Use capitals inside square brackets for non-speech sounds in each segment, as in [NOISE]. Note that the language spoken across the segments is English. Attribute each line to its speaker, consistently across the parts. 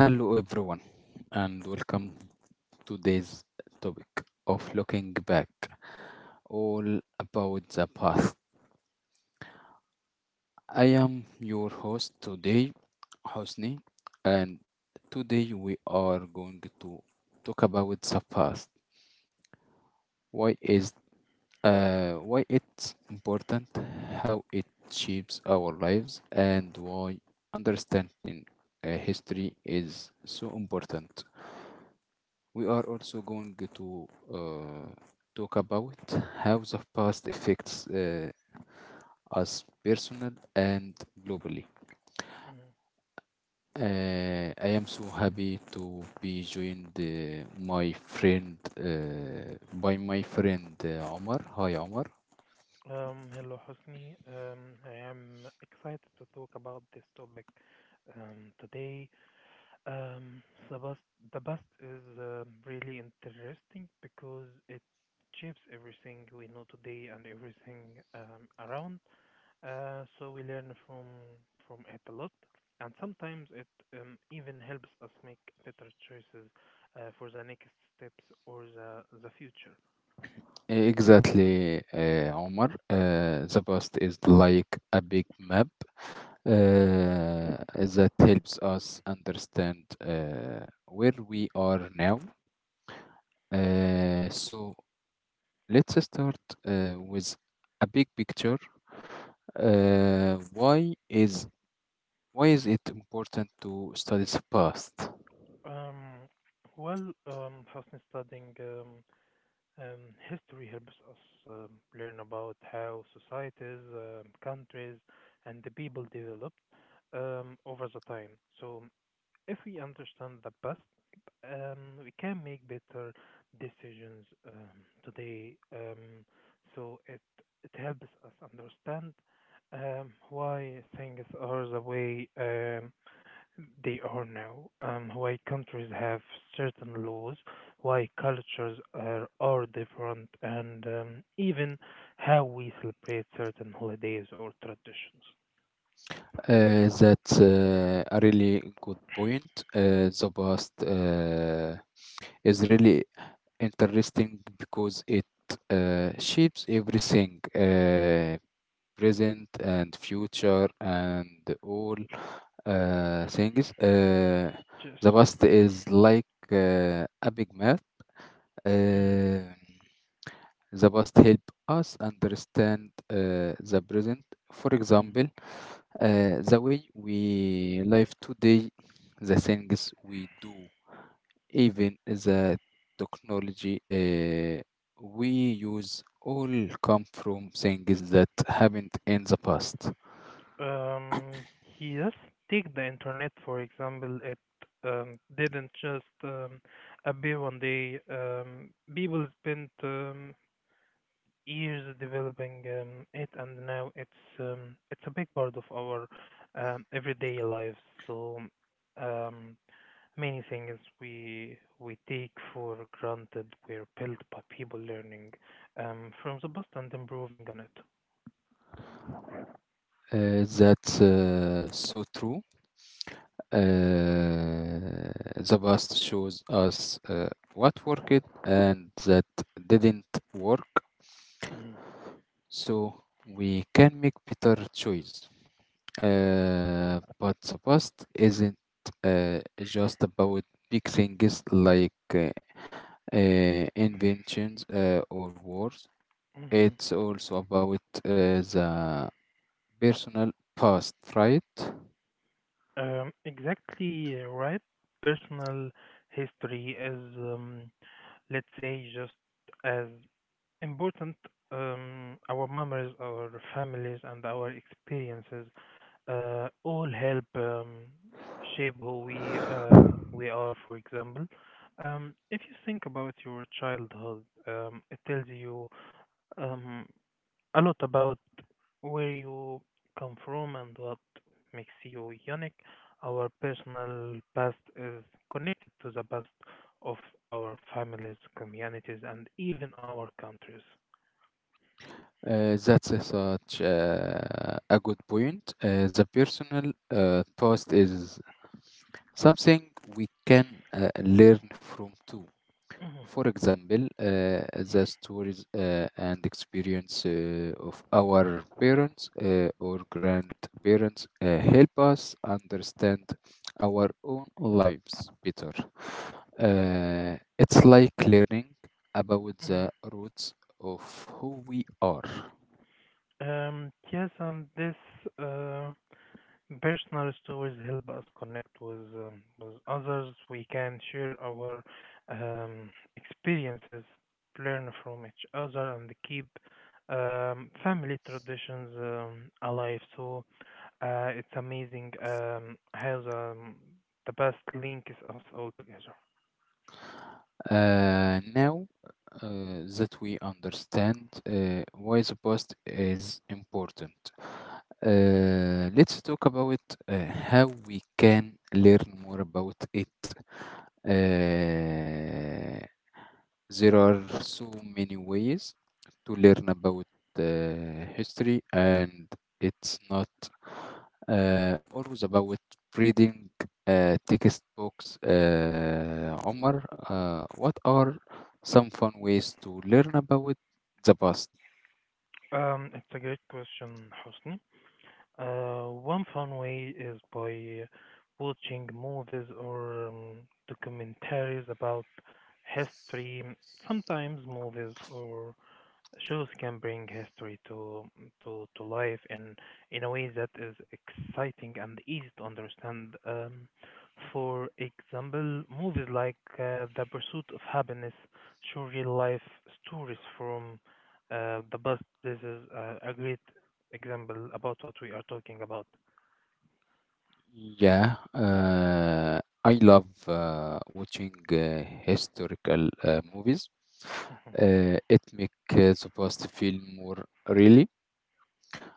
Speaker 1: Hello, everyone, and welcome to today's topic of looking back, all about the past. I am your host today, Hosni, and today we are going to talk about the past. Why is why it's important, how it shapes our lives, and why understanding history is so important. We are also going to talk about how the past affects us personal and globally.
Speaker 2: Mhm.
Speaker 1: I am so happy to be joined my friend by my friend Omar. Hi Omar.
Speaker 2: Hello, Hosni. I am excited to talk about this topic today. Um, the bus, the bus is really interesting because it shapes everything we know today and everything around. So we learn from it a lot, and sometimes it even helps us make better choices for the next steps or the future.
Speaker 1: Exactly, Omar. The past is like a big map uh, that helps us understand where we are now. So let's start with a big picture. Uh, why is why is it important to study the past?
Speaker 2: Um, well, Hosni, studying history helps us learn about how societies, countries, and the people developed over the time. So, if we understand the past, we can make better decisions today. So it helps us understand why things are the way they are now. Why countries have certain laws, why cultures are different, and even how we celebrate certain holidays or traditions.
Speaker 1: That's a really good point. The past is really interesting because it shapes everything, present and future and all things.
Speaker 2: Yes.
Speaker 1: The past is like a big map.
Speaker 2: Mhm.
Speaker 1: Uh, the past help us understand the present. For example, the way we live today, the things we do, even the technology we use, all come from things that happened in the past.
Speaker 2: Um, yes, take the internet for example. It didn't just appear one day. People spent years developing it, and now it's a big part of our everyday lives. So um, many things we take for granted were built by people learning from the past and improving on it.
Speaker 1: That's so true. Uh, the past shows us what worked and that didn't work,
Speaker 2: Mhm.
Speaker 1: so we can make better choice. But the past isn't uh, just about big things like inventions or wars.
Speaker 2: Mhm.
Speaker 1: It's also about the personal past, right?
Speaker 2: Exactly right. Personal history is, let's say, just as important. Our memories, our families, and our experiences all help shape who we are. For example, if you think about your childhood, it tells you um, a lot about where you come from and what makes you unique. Our personal past is connected to the past of our families, communities, and even our countries.
Speaker 1: That's a such a good point. The personal past is something we can learn from too.
Speaker 2: Mhm,
Speaker 1: For example, the stories and experience of our parents or grandparents help us understand our own lives better. It's like learning about the
Speaker 2: mhm.
Speaker 1: roots of who we are.
Speaker 2: Yes, and this uh, personal stories help us connect with others. We can share our um, experiences, learn from each other, and keep family traditions alive. So it's amazing how the past links us all together.
Speaker 1: Now that we understand why the past is important, let's talk about how we can learn more about it. Uh, there are so many ways to learn about history, and it's not always about reading textbooks. Omar, what are some fun ways to learn about the past?
Speaker 2: It's a great question, Hosni. One fun way is by watching movies or documentaries about history. Sometimes movies or shows can bring history to life in a way that is exciting and easy to understand. For example, movies like The Pursuit of Happiness show real life stories from the past. This is a great example about what we are talking about.
Speaker 1: Yeah, I love watching historical movies.
Speaker 2: Mhm,
Speaker 1: It makes the past feel more real.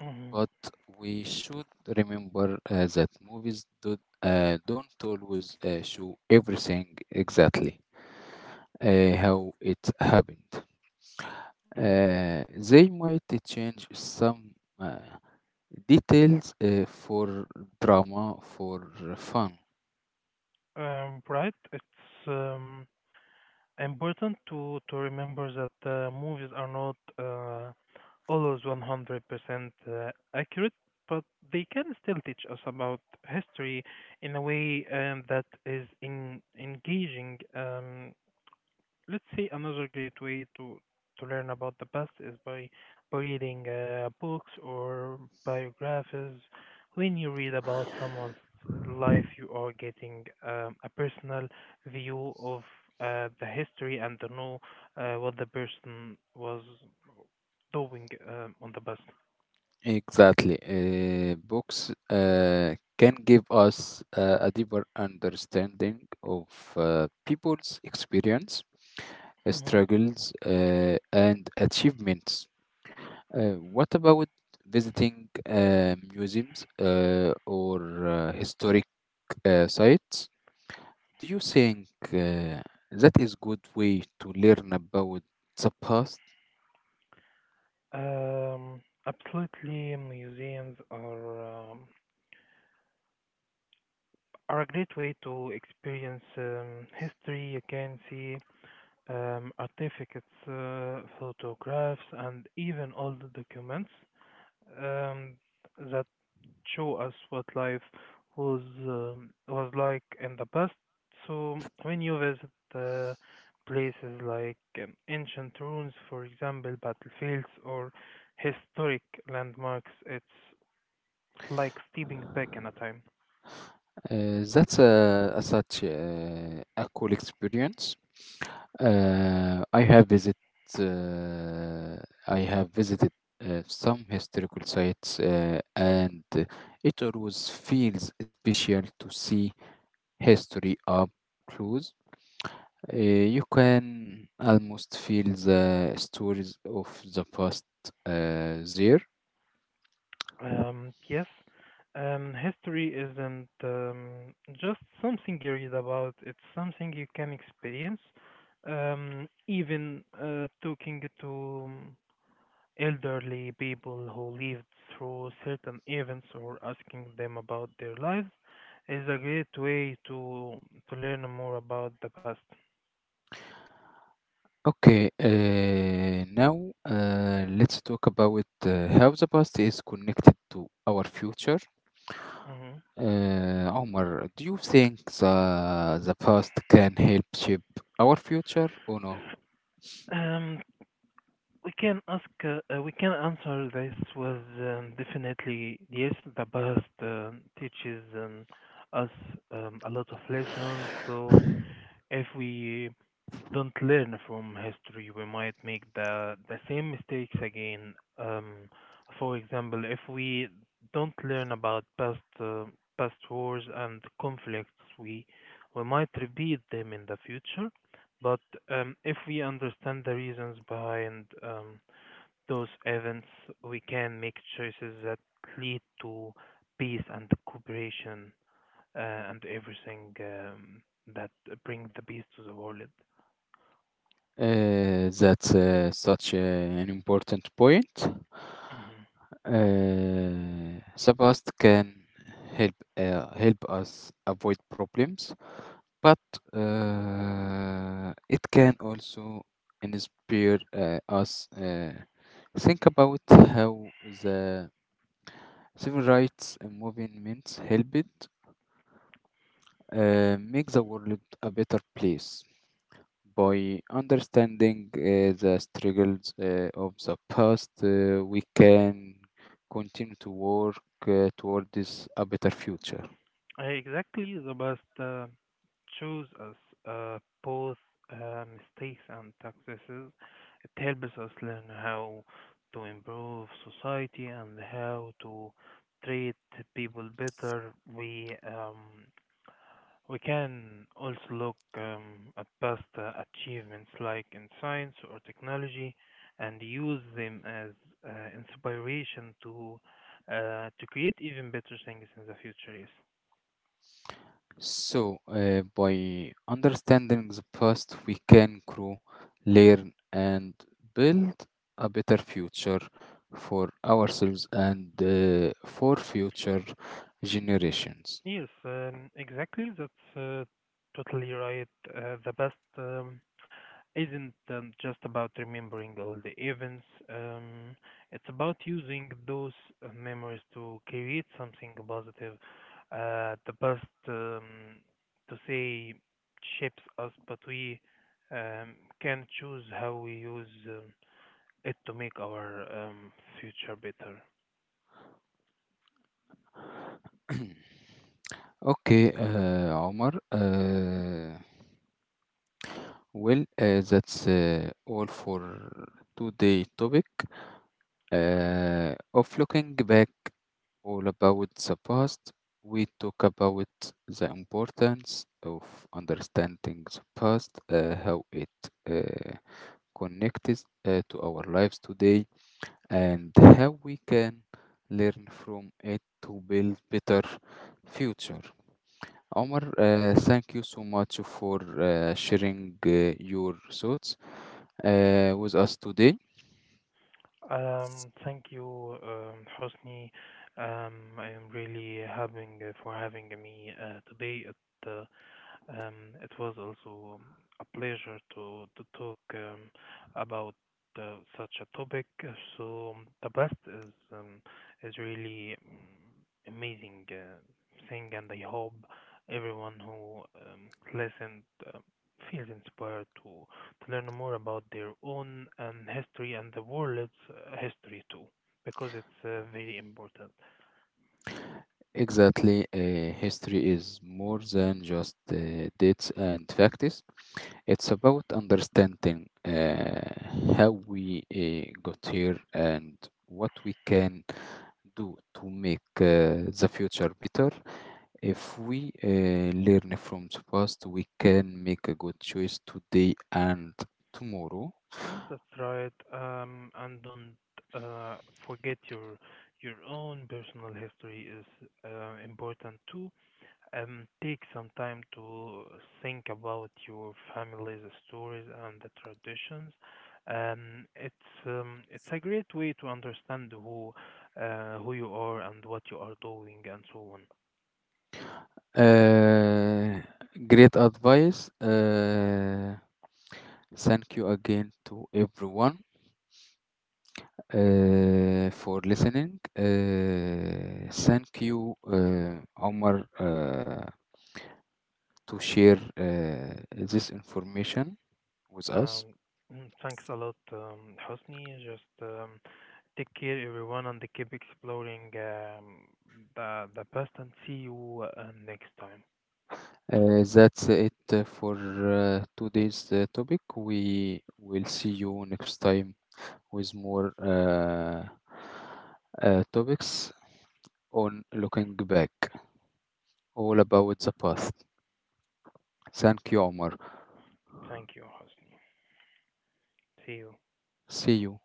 Speaker 2: mhm,
Speaker 1: But we should remember that movies don't always show everything exactly how it happened.
Speaker 2: mhm.
Speaker 1: Uh, they might change some uh, details for drama, for fun.
Speaker 2: Right, it's important to remember that movies are not always 100% accurate, but they can still teach us about history in a way that is engaging. Let's say another great way to learn about the past is by reading books or biographies. When you read about someone's life, you are getting a personal view of the history and to know what the person was doing on the past.
Speaker 1: Exactly. Books can give us a deeper understanding of people's experience,
Speaker 2: Mhm.
Speaker 1: struggles, and achievements. What about visiting museums or historic sites? Do you think that is good way to learn about the past?
Speaker 2: Um, Absolutely, museums are a great way to experience history. You can see artifacts, photographs, and even old documents um, that show us what life was like in the past. So when you visit uh, places like ancient ruins, for example, battlefields or historic landmarks, it's like stepping back in a time.
Speaker 1: That's a such a cool experience. Uh, I have visit uh, I have visited some historical sites, and it always feels special to see history up close. You can almost feel the stories of the past there.
Speaker 2: Yes, history isn't just something you read about, it's something you can experience. Even talking to elderly people who lived through certain events or asking them about their lives is a great way to learn more about the past.
Speaker 1: Okay, now let's talk about how the past is connected to our future.
Speaker 2: Mhm.
Speaker 1: Omar, do you think the past can help shape our future or no?
Speaker 2: Um, we can answer this with definitely yes, the past teaches us a lot of lessons. So if we don't learn from history, we might make the same mistakes again. For example, if we don't learn about past wars and conflicts, we might repeat them in the future. But if we understand the reasons behind those events, we can make choices that lead to peace and cooperation uh, and everything that brings the peace to the world.
Speaker 1: That's such an important point.
Speaker 2: Mhm.
Speaker 1: The past can help us avoid problems, but it can also inspire us. Think about how the civil rights movement helped make the world a better place. By understanding the struggles of the past, we can continue to work toward this a better future.
Speaker 2: Exactly, the best choose us both mistakes and successes. It helps us learn how to improve society and how to treat people better. We can also look at past achievements like in science or technology and use them as uh, inspiration to create even better things in the future. Yes,
Speaker 1: So, by understanding the past, we can grow, learn, and build a better future for ourselves and for future generations.
Speaker 2: yes, exactly. That's totally right. The best. Isn't just about remembering all the events. Um, it's about using those memories to create something positive. The past, to say, shapes us, but we um, can choose how we use it to make our future better.
Speaker 1: [CLEARS THROAT] Okay, Omar. Well, that's all for today topic of looking back, all about the past. We talk about the importance of understanding the past, how it uh, connects to our lives today, and how we can learn from it to build better future. Omar, thank you so much for sharing your thoughts with us today.
Speaker 2: Thank you, Hosni. I am really having for having me today. Uh, it was also a pleasure to talk about such a topic. So the best is really amazing thing, and I hope everyone who listened feels inspired to learn more about their own history and the world's history too, because it's very important.
Speaker 1: Exactly, history is more than just dates and facts. It's about understanding how we got here and what we can do to make the future better. If we learn from the past, we can make a good choice today and tomorrow.
Speaker 2: Mm, that's right. And don't uh, forget your own personal history is important too. Take some time to think about your family's stories and the traditions. It's a great way to understand who you are and what you are doing and so on.
Speaker 1: Uh, Great advice. Thank you again to everyone for listening. Thank you, Omar, to share this information with us.
Speaker 2: Um, Thanks a lot, Hosni. Just take care, everyone, and keep exploring the past, and see you next time.
Speaker 1: That's it for today's topic. We will see you next time with more topics on looking back, all about the past. Thank you, Omar.
Speaker 2: Thank you, Hosni. See you.
Speaker 1: See you.